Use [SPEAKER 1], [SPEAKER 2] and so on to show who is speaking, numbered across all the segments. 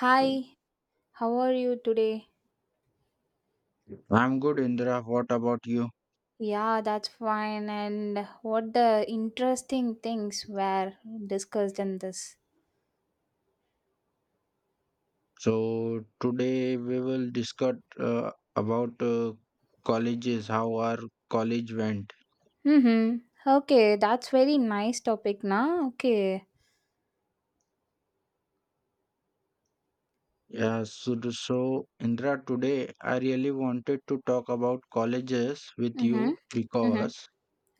[SPEAKER 1] Hi, how are you today?
[SPEAKER 2] I'm good, Indra. What about you?
[SPEAKER 1] Yeah, that's fine. And what the interesting things were discussed in this?
[SPEAKER 2] So today we will discuss about colleges, how our college went.
[SPEAKER 1] Mm-hmm. Okay, that's very nice topic, na? Okay.
[SPEAKER 2] Yeah. So, so Indra, today I really wanted to talk about colleges with
[SPEAKER 1] Mm-hmm.
[SPEAKER 2] you
[SPEAKER 1] Mm-hmm.
[SPEAKER 2] because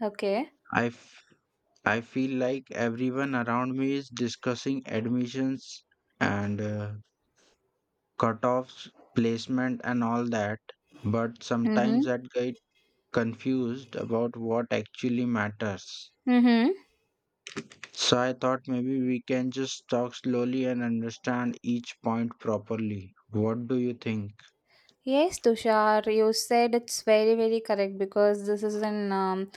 [SPEAKER 1] Okay.
[SPEAKER 2] I f- I feel like everyone around me is discussing admissions and cutoffs, placement, and all that. But sometimes
[SPEAKER 1] Mm-hmm.
[SPEAKER 2] that get confused about what actually matters.
[SPEAKER 1] Mm-hmm.
[SPEAKER 2] So I thought maybe we can just talk slowly and understand each point properly. What do you think?
[SPEAKER 1] Yes, Tushar, you said it's very, very correct because this is an um,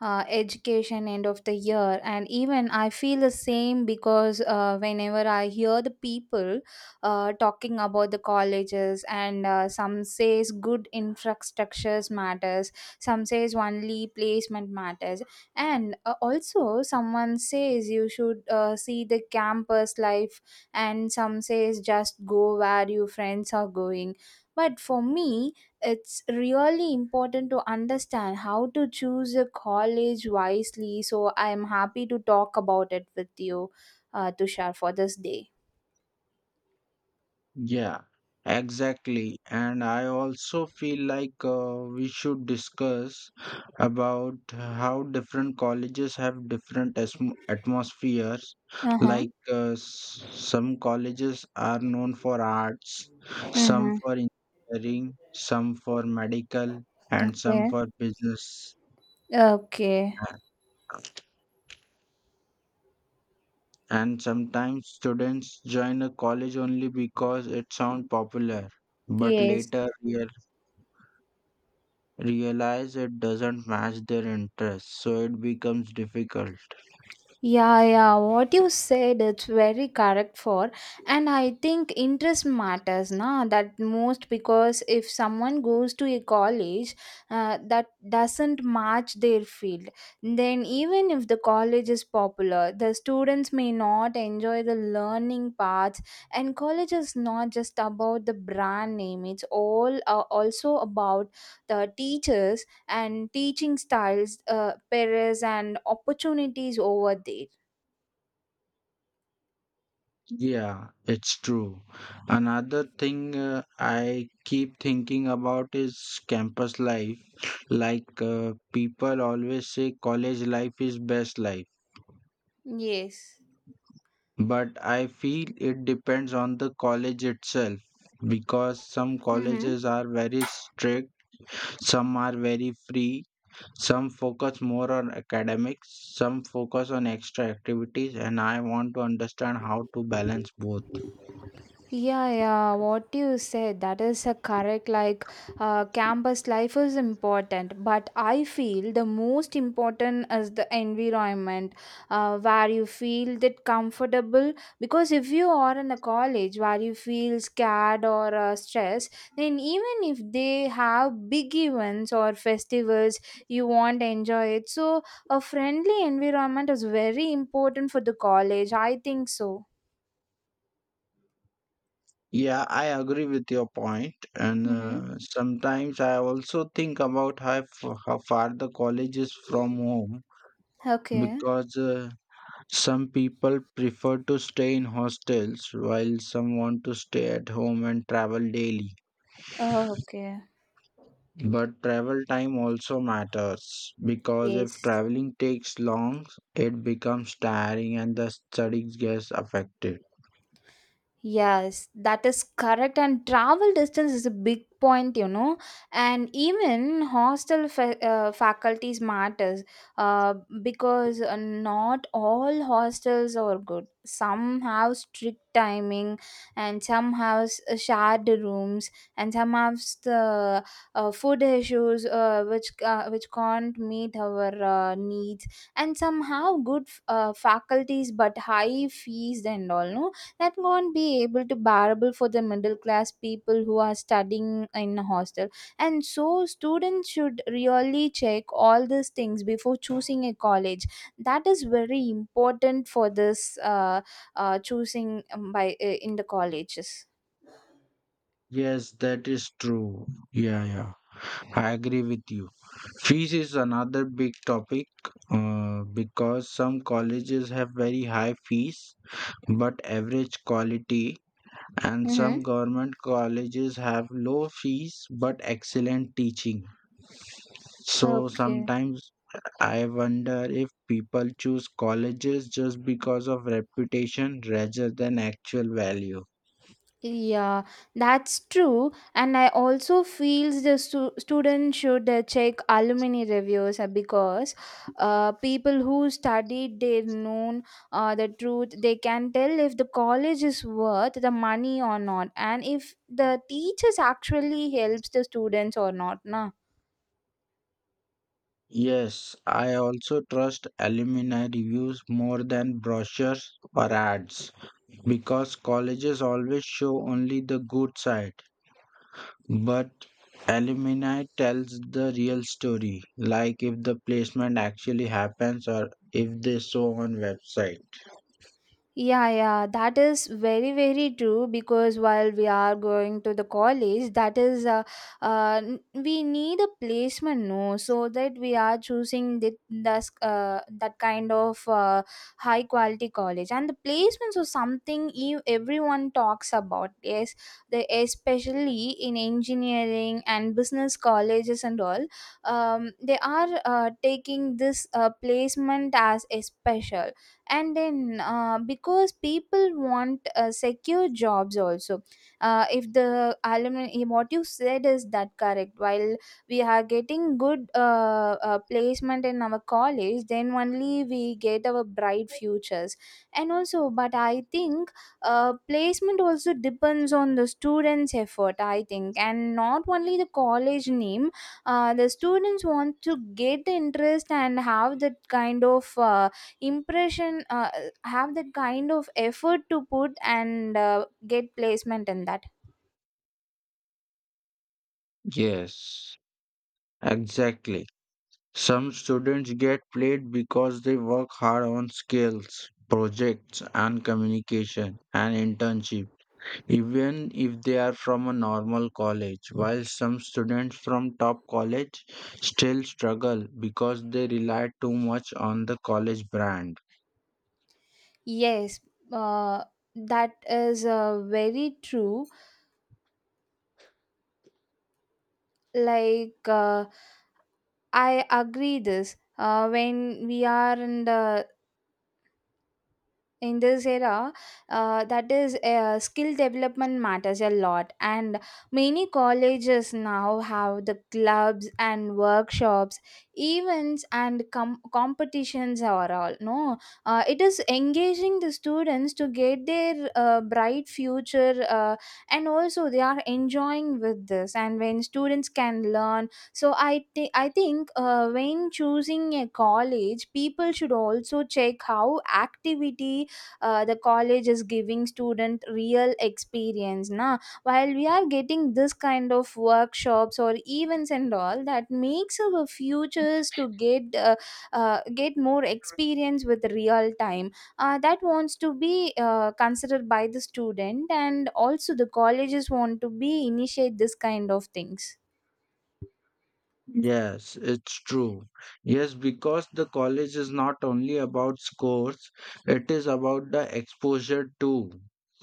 [SPEAKER 1] uh, education end of the year, and even I feel the same because whenever I hear the people talking about the colleges, and some says good infrastructures matters, some says only placement matters, and also someone says you should see the campus life, and some says just go where your friends are going, but for me, it's really important to understand how to choose a college wisely. So I'm happy to talk about it with you, Tushar, for this day.
[SPEAKER 2] Yeah, exactly. And I also feel like we should discuss about how different colleges have different atmospheres.
[SPEAKER 1] Uh huh.
[SPEAKER 2] Like some colleges are known for arts, some
[SPEAKER 1] Mm-hmm.
[SPEAKER 2] for engineering, some for medical, and some
[SPEAKER 1] Okay.
[SPEAKER 2] for business.
[SPEAKER 1] Okay.
[SPEAKER 2] A- And sometimes students join a college only because it sounds popular. But
[SPEAKER 1] Yes.
[SPEAKER 2] later, realize realize it doesn't match their interests, so it becomes difficult.
[SPEAKER 1] Yeah, yeah, what you said it's very correct for, and I think interest matters, na, that most. Because if someone goes to a college that doesn't match their field, then even if the college is popular, the students may not enjoy the learning paths. And college is not just about the brand name, it's all also about the teachers and teaching styles, perils, and opportunities over there.
[SPEAKER 2] Yeah, it's true. Another thing I keep thinking about is campus life. Like people always say college life is best life,
[SPEAKER 1] Yes.
[SPEAKER 2] but I feel it depends on the college itself because some
[SPEAKER 1] Mm-hmm.
[SPEAKER 2] colleges are very strict, some are very free, some focus more on academics, some focus on extra activities, and I want to understand how to balance both.
[SPEAKER 1] Yeah, yeah, what you said, that is a correct. Like, campus life is important, but I feel the most important is the environment where you feel that comfortable. Because if you are in a college where you feel scared or stressed, then even if they have big events or festivals, you won't enjoy it. So, a friendly environment is very important for the college. I think so.
[SPEAKER 2] Yeah, I agree with your point, and
[SPEAKER 1] Mm-hmm.
[SPEAKER 2] sometimes I also think about how, how far the college is from home
[SPEAKER 1] Okay.
[SPEAKER 2] because some people prefer to stay in hostels while some want to stay at home and travel daily.
[SPEAKER 1] Oh, okay.
[SPEAKER 2] But travel time also matters because if
[SPEAKER 1] Yes.
[SPEAKER 2] traveling takes long, it becomes tiring and the studies gets affected.
[SPEAKER 1] Yes, that is correct. And travel distance is a big point. And even hostel faculties matters, uh, because not all hostels are good. Some have strict timing, and some have shared rooms, and some have s- the food issues, which can't meet our needs, and some have good faculties but high fees and all. No? That won't be able to bearable for the middle class people who are studying in a hostel, and so students should really check all these things before choosing a college. That is very important for this choosing, by in the colleges.
[SPEAKER 2] Yes, that is true. Yeah, yeah. I agree with you. Fees is another big topic because some colleges have very high fees but average quality, and
[SPEAKER 1] Mm-hmm.
[SPEAKER 2] some government colleges have low fees but excellent teaching. So
[SPEAKER 1] Okay.
[SPEAKER 2] sometimes I wonder if people choose colleges just because of reputation rather than actual value.
[SPEAKER 1] Yeah, that's true. And I also feels the student should check alumni reviews, because people who studied their known the truth, they can tell if the college is worth the money or not, and if the teachers actually helps the students or not. Na.
[SPEAKER 2] Yes, I also trust alumni reviews more than brochures or ads because colleges always show only the good side. But alumni tells the real story, like if the placement actually happens or if they show on website.
[SPEAKER 1] Yeah, yeah, that is very, very true because while we are going to the college, that is, we need a placement, no, so that we are choosing the, that's, that kind of high quality college. And the placements are something you, everyone talks about, yes, the, especially in engineering and business colleges and all. They are taking this placement as a special. And then because people want secure jobs also, if the alumni, what you said is that correct. While we are getting good placement in our college, then only we get our bright futures. And also, but I think, placement also depends on the students effort, I think, and not only the college name. The students want to get the interest and have that kind of impression, have that kind of effort to put, and get placement in that.
[SPEAKER 2] Yes, exactly. Some students get played because they work hard on skills, projects, and communication and internship, even if they are from a normal college. While some students from top college still struggle because they rely too much on the college brand.
[SPEAKER 1] Yes, uh, that is very true. Like, I agree this, when we are in this era, that is, skill development matters a lot. And many colleges now have the clubs and workshops, events, and competitions are all, no. It is engaging the students to get their bright future, and also they are enjoying with this. And when students can learn, so I think, when choosing a college, people should also check how activity the college is giving student real experience, na. While we are getting this kind of workshops or events and all, that makes our futures to get more experience with real time, that wants to be considered by the student. And also the colleges want to be initiate this kind of things.
[SPEAKER 2] Yes, it's true. Yes, because the college is not only about scores, it is about the exposure too,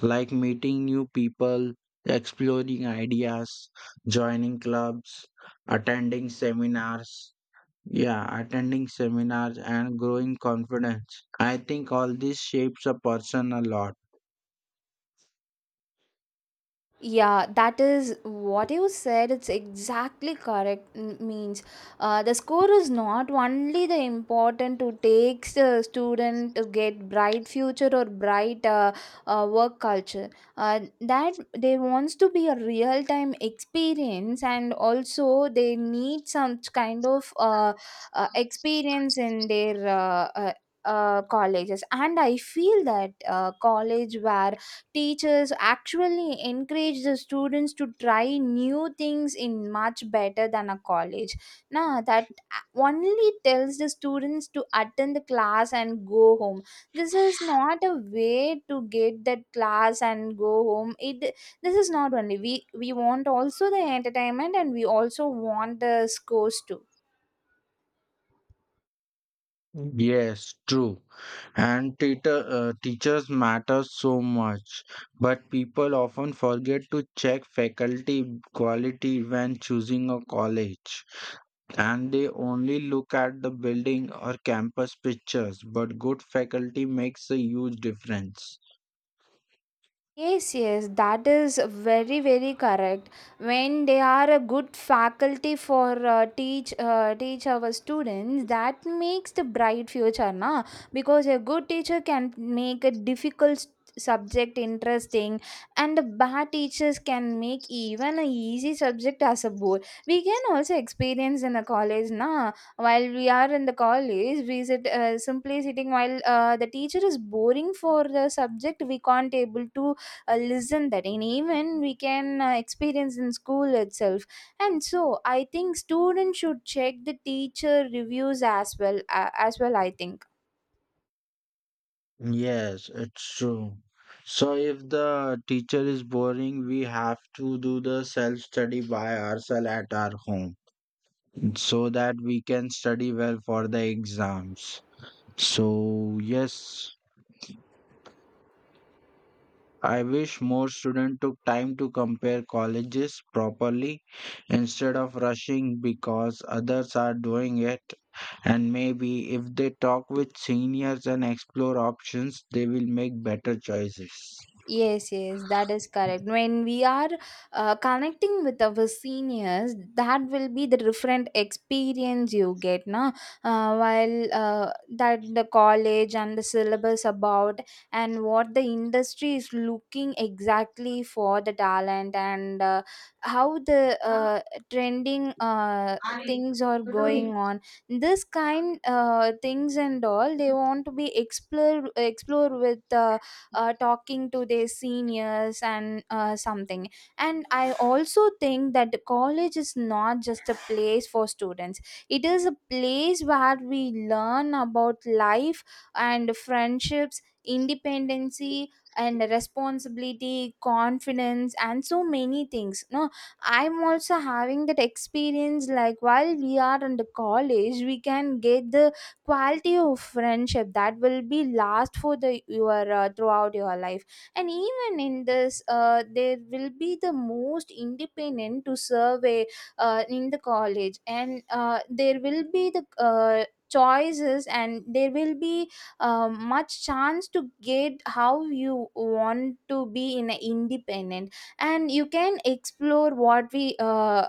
[SPEAKER 2] like meeting new people, exploring ideas, joining clubs, attending seminars. Yeah, attending seminars and growing confidence. I think all this shapes a person a lot.
[SPEAKER 1] Yeah, that is what you said. It's exactly correct. Means, the score is not only the important to take the student to get bright future or bright work culture. That they wants to be a real time experience, and also they need some kind of experience in their. Colleges. And I feel that college where teachers actually encourage the students to try new things in much better than a college now that only tells the students to attend the class and go home. This is not a way to get that class and go home. It This is not only we want also the entertainment, and we also want the scores too.
[SPEAKER 2] Yes, true. And teachers matter so much, but people often forget to check faculty quality when choosing a college. And they only look at the building or campus pictures, but good faculty makes a huge difference.
[SPEAKER 1] Yes, yes, that is very, very correct. When they are a good faculty for teach our students, that makes the bright future, na? Because a good teacher can make a difficult subject interesting, and the bad teachers can make even a easy subject as a bore. We can also experience in a college, na? While we are in the college, we sit simply sitting while the teacher is boring for the subject. We can't able to listen that, and even we can experience in school itself. And so I think students should check the teacher reviews as well, I think.
[SPEAKER 2] Yes, it's true. So if the teacher is boring, we have to do the self study by ourselves at our home, so that we can study well for the exams. So, yes, I wish more students took time to compare colleges properly instead of rushing because others are doing it. And maybe if they talk with seniors and explore options, they will make better choices.
[SPEAKER 1] Yes, yes, that is correct. When we are connecting with our seniors, that will be the different experience you get, na? While that the college and the syllabus about, and what the industry is looking exactly for the talent, and how the trending things are going on. This kind things and all they want to be explore with. Talking to their seniors and something. And I also think that the college is not just a place for students, it is a place where we learn about life and friendships, independency and responsibility, confidence and so many things, no. I'm also having that experience, like while we are in the college we can get the quality of friendship that will be last for the your throughout your life. And even in this, there will be the most independent to survey in the college. And there will be the choices, and there will be much chance to get how you want to be in a independent, and you can explore what we uh,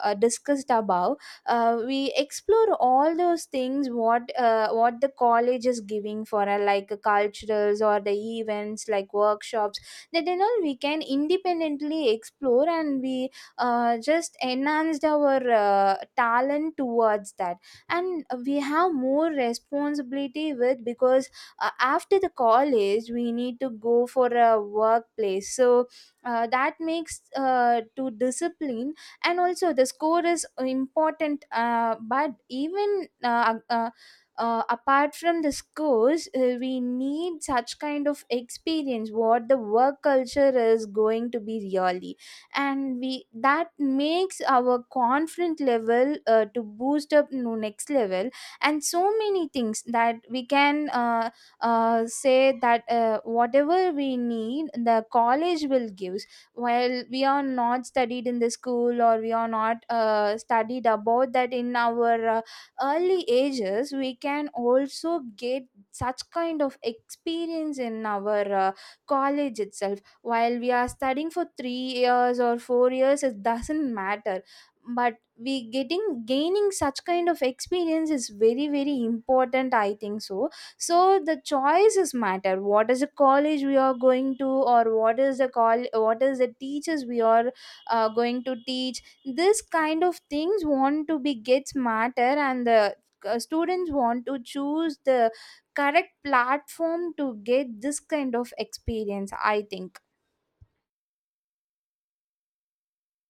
[SPEAKER 1] uh, discussed above. We explore all those things what the college is giving for, like culturals or the events like workshops, that and all we can independently explore. And we just enhanced our talent towards that. And we have more responsibility with, because after the college we need to go for a workplace, so that makes to discipline. And also the score is important, but even, apart from the scores, we need such kind of experience what the work culture is going to be really. And we that makes our confident level to boost up to next level, and so many things that we can say that whatever we need the college will give. While we are not studied in the school, or we are not studied about that in our early ages, we can also get such kind of experience in our college itself. While we are studying for 3 years or 4 years, it doesn't matter, but we getting gaining such kind of experience is very, very important, I think so. So the choices matter. What is the college we are going to, or what is the call what is the teachers we are going to teach. This kind of things want to be get smarter, and the students want to choose the correct platform to get this kind of experience, I think.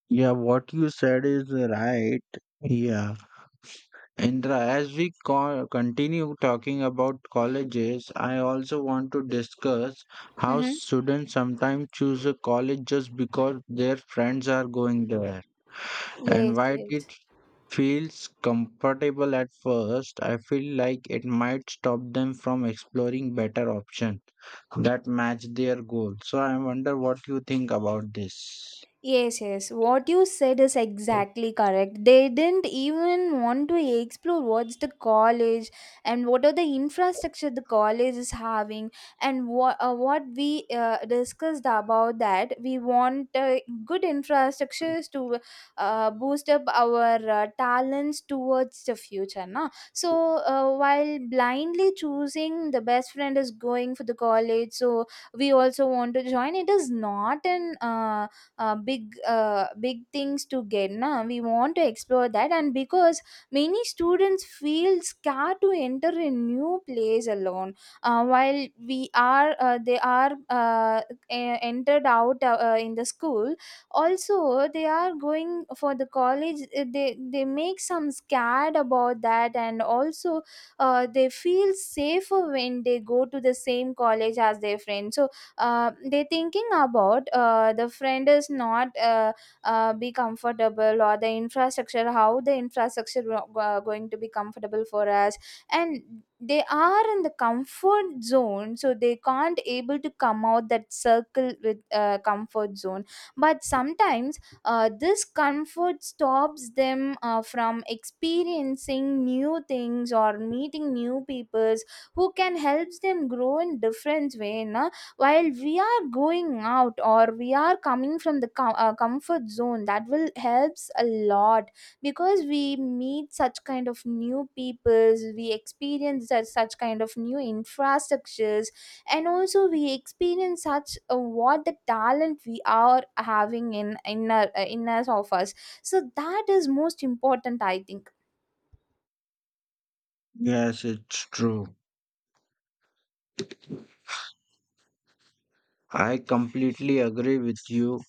[SPEAKER 2] Yeah, what you said is right. Yeah. Indra, as we continue talking about colleges, I also want to discuss how
[SPEAKER 1] Mm-hmm.
[SPEAKER 2] students sometimes choose a college just because their friends are going there. And
[SPEAKER 1] Yes,
[SPEAKER 2] while it
[SPEAKER 1] yes.
[SPEAKER 2] feels comfortable at first, I feel like it might stop them from exploring better options that match their goals. So I wonder what you think about this.
[SPEAKER 1] Yes, yes. What you said is exactly correct. They didn't even want to explore what's the college and what are the infrastructure the college is having, and what we discussed about that we want good infrastructures to boost up our talents towards the future. Na? So while blindly choosing the best friend is going for the college, so we also want to join. It is not an big big things to get now. We want to explore that. And because many students feel scared to enter a new place alone, while we are they are e- entered out in the school, also they are going for the college. They make some scared about that. And also they feel safer when they go to the same college as their friends. So they thinking about the friend is not be comfortable, or the infrastructure, how the infrastructure going to be comfortable for us. And they are in the comfort zone, so they can't able to come out that circle with comfort zone. But sometimes this comfort stops them from experiencing new things or meeting new peoples who can help them grow in different way, na? While we are going out, or we are coming from the comfort zone, that will helps a lot. Because we meet such kind of new peoples, we experience such kind of new infrastructures. And also we experience such what the talent we are having in us of us. So that is most important, I think.
[SPEAKER 2] Yes, it's true. I completely agree with you.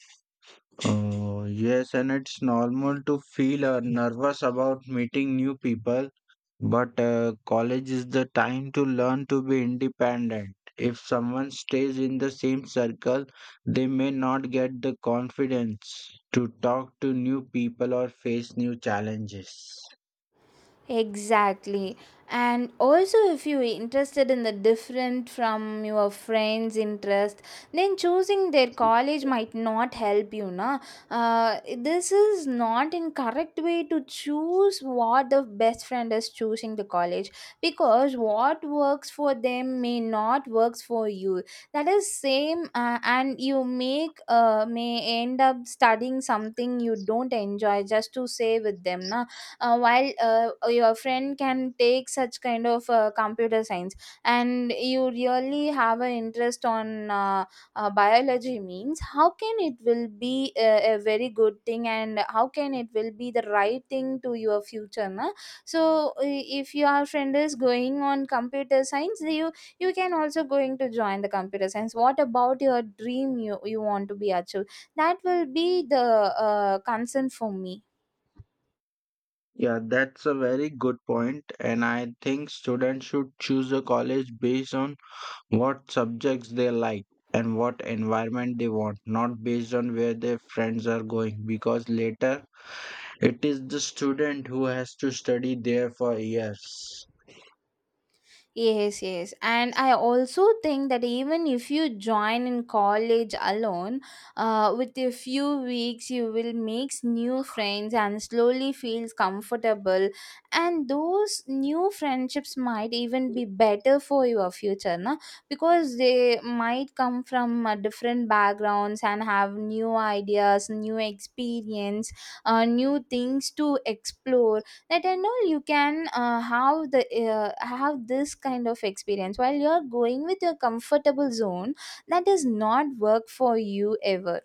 [SPEAKER 2] Oh, yes, and it's normal to feel nervous about meeting new people, but college is the time to learn to be independent. If someone stays in the same circle, they may not get the confidence to talk to new people or face new challenges.
[SPEAKER 1] Exactly. And also, if you're interested in the different from your friends' interest, then choosing their college might not help you. Na? This is not in correct way to choose what the best friend is choosing the college, because what works for them may not works for you. That is same. And you make may end up studying something you don't enjoy just to say with them. Na? While Your friend can take such kind of computer science and you really have an interest on biology means how can it will be a very good thing, and how can it will be the right thing to your future, na? So if your friend is going on computer science, you can also going to join the computer science. What about your dream you, you want to be achieved? That will be the concern for me.
[SPEAKER 2] Yeah, that's a very good point, and I think students should choose a college based on what subjects they like and what environment they want, not based on where their friends are going, because later it is the student who has to study there for years.
[SPEAKER 1] Yes, yes. And I also think that even if you join in college alone, with a few weeks, you will make new friends and slowly feels comfortable. And those new friendships might even be better for your future, na? Because they might come from different backgrounds and have new ideas, new experience, new things to explore. That and all you can have this kind of experience. While you're going with your comfortable zone, that does not work for you ever.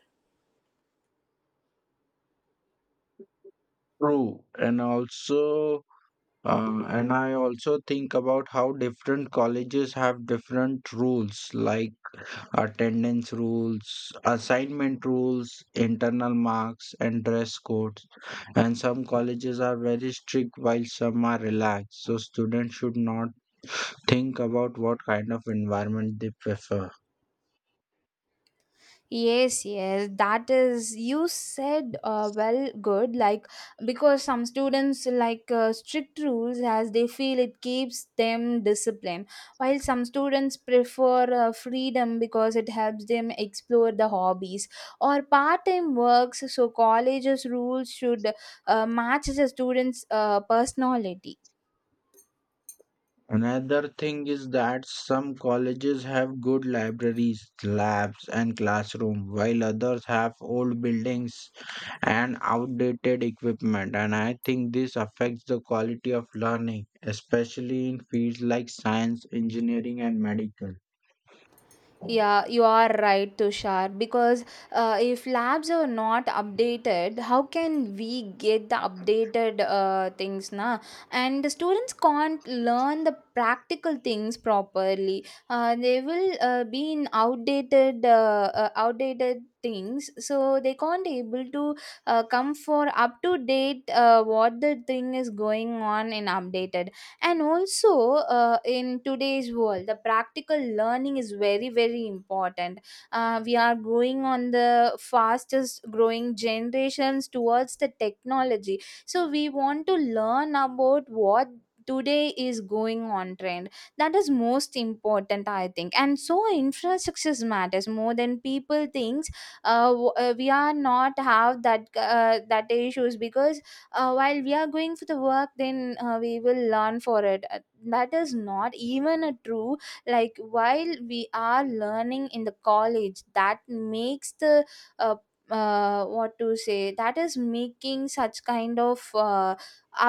[SPEAKER 2] True, and also. And I also think about how different colleges have different rules like attendance rules, assignment rules, internal marks, and dress codes, and some colleges are very strict while some are relaxed, so students should not think about what kind of environment they prefer.
[SPEAKER 1] Yes, yes, that is you said well good. Like, because some students like strict rules as they feel it keeps them disciplined, while some students prefer freedom because it helps them explore the hobbies or part-time works. So college's rules should match the students' personality.
[SPEAKER 2] Another thing is that some colleges have good libraries, labs, and classroom, while others have old buildings and outdated equipment. And I think this affects the quality of learning, especially in fields like science, engineering, and medical.
[SPEAKER 1] Yeah, you are right, Tushar. Because if labs are not updated, how can we get the updated things, na? And the students can't learn the practical things properly. They will outdated things, so they can't able to come for up to date what the thing is going on in updated. And also in today's world, the practical learning is very very important. We are going on the fastest growing generations towards the technology, so we want to learn about what today is going on trend. That is most important, I think. And so infrastructures matters more than people thinks. We are not have that that issues because while we are going for the work, then we will learn for it. That is not even a true. Like while we are learning in the college, that makes the uh, what to say, that is making such kind of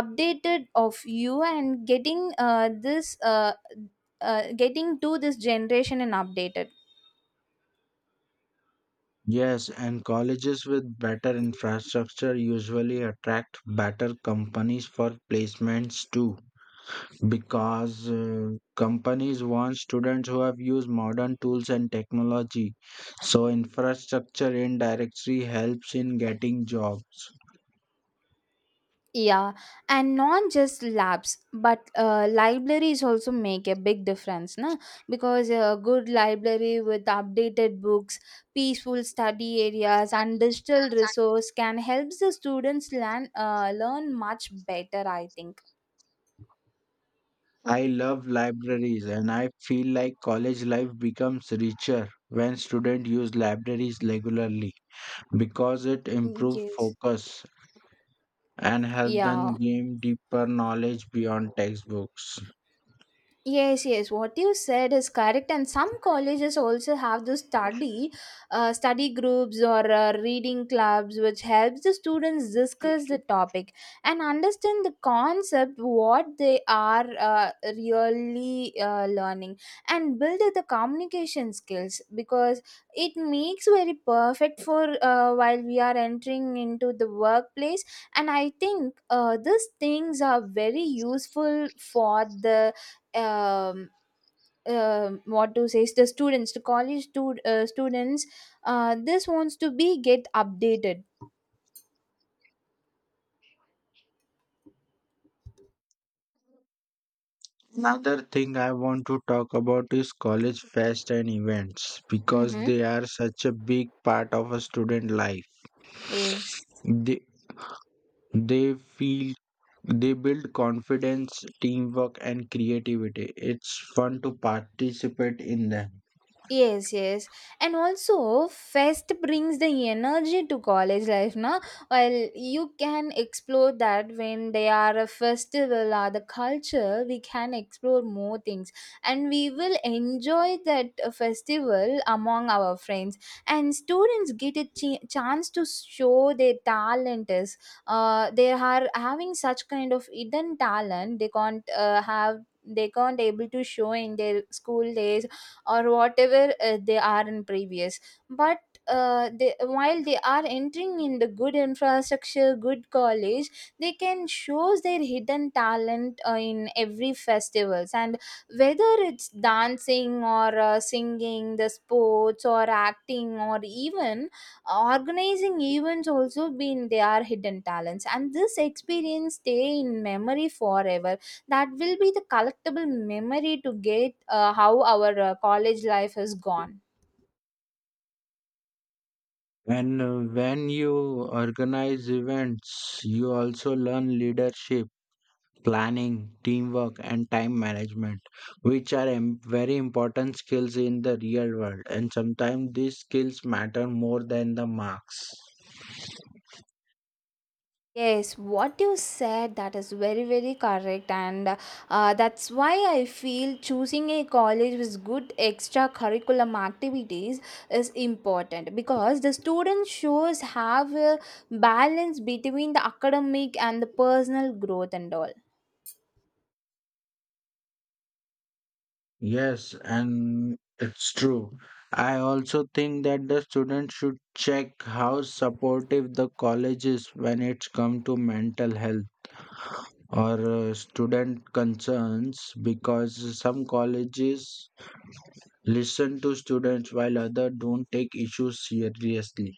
[SPEAKER 1] updated of you and getting this getting to this generation and updated.
[SPEAKER 2] Yes, and colleges with better infrastructure usually attract better companies for placements too, because companies want students who have used modern tools and technology, so infrastructure in directory helps in getting jobs.
[SPEAKER 1] Yeah, and not just labs, but libraries also make a big difference, na? Because a good library with updated books, peaceful study areas, and digital resource can help the students learn much better, I think.
[SPEAKER 2] I love libraries and I feel like college life becomes richer when students use libraries regularly because it
[SPEAKER 1] Mm,
[SPEAKER 2] improves
[SPEAKER 1] yes.
[SPEAKER 2] focus and help them
[SPEAKER 1] Yeah.
[SPEAKER 2] gain deeper knowledge beyond textbooks.
[SPEAKER 1] Yes, yes. What you said is correct, and some colleges also have the study groups or reading clubs, which helps the students discuss the topic and understand the concept what they are really learning and build the communication skills, because it makes very perfect for while we are entering into the workplace. And I think these things are very useful for the um, what to say, is the students the college stud- students this wants to be get updated.
[SPEAKER 2] Another thing I want to talk about is college fest and events because
[SPEAKER 1] Mm-hmm.
[SPEAKER 2] they are such a big part of a student life.
[SPEAKER 1] Yes.
[SPEAKER 2] They they feel they build confidence, teamwork and creativity. It's fun to participate in them.
[SPEAKER 1] Yes, yes. And also, Fest brings the energy to college life, na? While you can explore that when they are a festival or the culture, we can explore more things. And we will enjoy that festival among our friends. And students get a chance to show their talent is. They are having such kind of hidden talent. They can't able to show in their school days or whatever they are in previous. But while they are entering in the good infrastructure good college, they can show their hidden talent in every festivals. And whether it's dancing or singing, the sports or acting, or even organizing events also been their hidden talents. And this experience stay in memory forever. That will be the collectible memory to get how our college life has gone.
[SPEAKER 2] And when you organize events, you also learn leadership, planning, teamwork, and time management, which are very important skills in the real world. And sometimes these skills matter more than the marks.
[SPEAKER 1] Yes, what you said, that is very very correct. And that's why I feel choosing a college with good extracurriculum activities is important, because the student shows have a balance between the academic and the personal growth and all.
[SPEAKER 2] Yes, and it's true. I also think that the students should check how supportive the college is when it's come to mental health or student concerns because some colleges listen to students while others don't take issues seriously.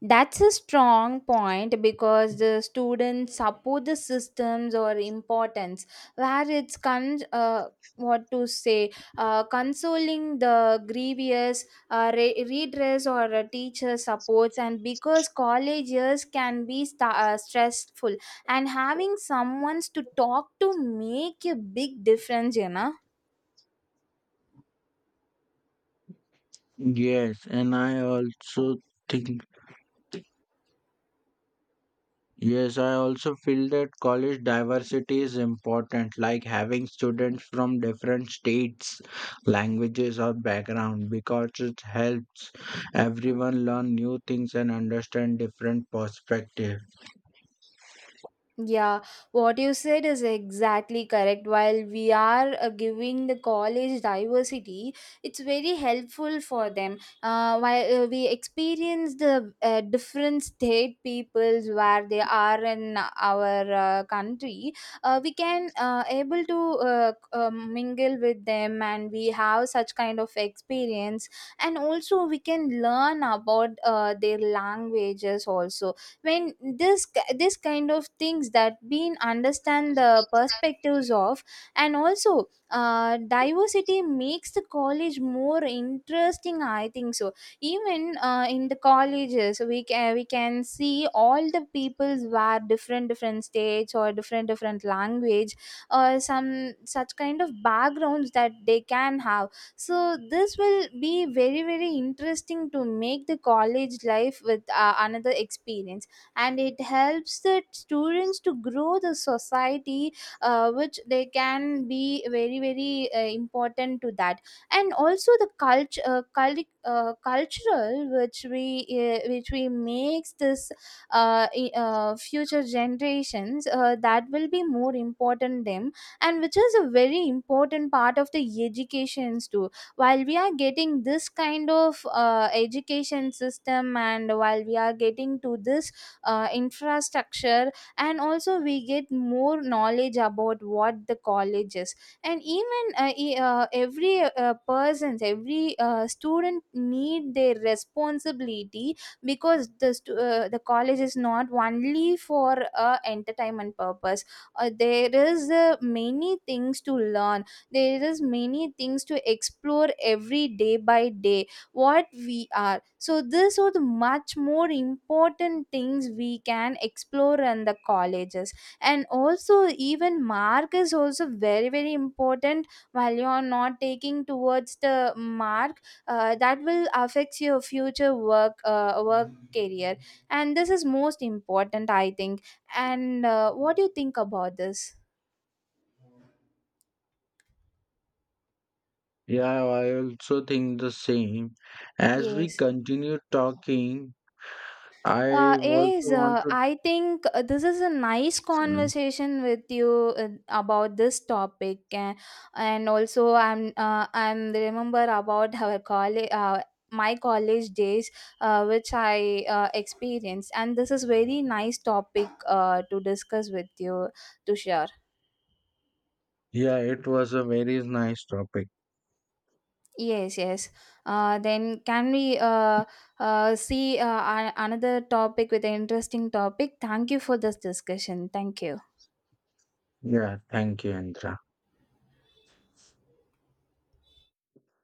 [SPEAKER 1] That's a strong point, because the students support the systems or importance where it's con what to say, consoling the grievous redress or a teacher supports. And because college years can be sta stressful, and having someone to talk to make a big difference, you know.
[SPEAKER 2] Yes, and I also think, yes, I also feel that college diversity is important, like having students from different states, languages, or background, because it helps everyone learn new things and understand different perspectives.
[SPEAKER 1] Yeah, what you said is exactly correct. While we are giving the college diversity, it's very helpful for them. While We experience the different state peoples where they are in our country. We can able to mingle with them, and we have such kind of experience. And also, we can learn about their languages also. When this this kind of things that being understand the perspectives of. And also diversity makes the college more interesting, I think. So even in the colleges, we can see all the peoples were different different states or different different language, or some such kind of backgrounds that they can have. So this will be very very interesting to make the college life with another experience. And it helps the students to grow the society, which they can be very very important to that. And also the cultural which we makes this future generations, that will be more important them. And which is a very important part of the educations too. While we are getting this kind of education system, and while we are getting to this infrastructure. And also we get more knowledge about what the college is. And even every person's every student need their responsibility. Because the the college is not only for entertainment purpose. There is many things to learn. There is many things to explore every day by day what we are. So this are the much more important things we can explore in the colleges. And also even mark is also very very important. While you are not taking towards the mark, that will affect your future work career. And this is most important, I think. And what do you think about this?
[SPEAKER 2] Yeah, I also think the same. As we
[SPEAKER 1] Yes.
[SPEAKER 2] continue talking, I
[SPEAKER 1] Is
[SPEAKER 2] also want to.
[SPEAKER 1] I think this is a nice conversation with you about this topic. And also I'm remember about my college days, which I experienced. And this is very nice topic to discuss with you, to share.
[SPEAKER 2] Yeah, it was a very nice topic.
[SPEAKER 1] Yes, yes. Then can we see another topic with an interesting topic? Thank you for this discussion. Thank you.
[SPEAKER 2] Yeah, thank you, Indra.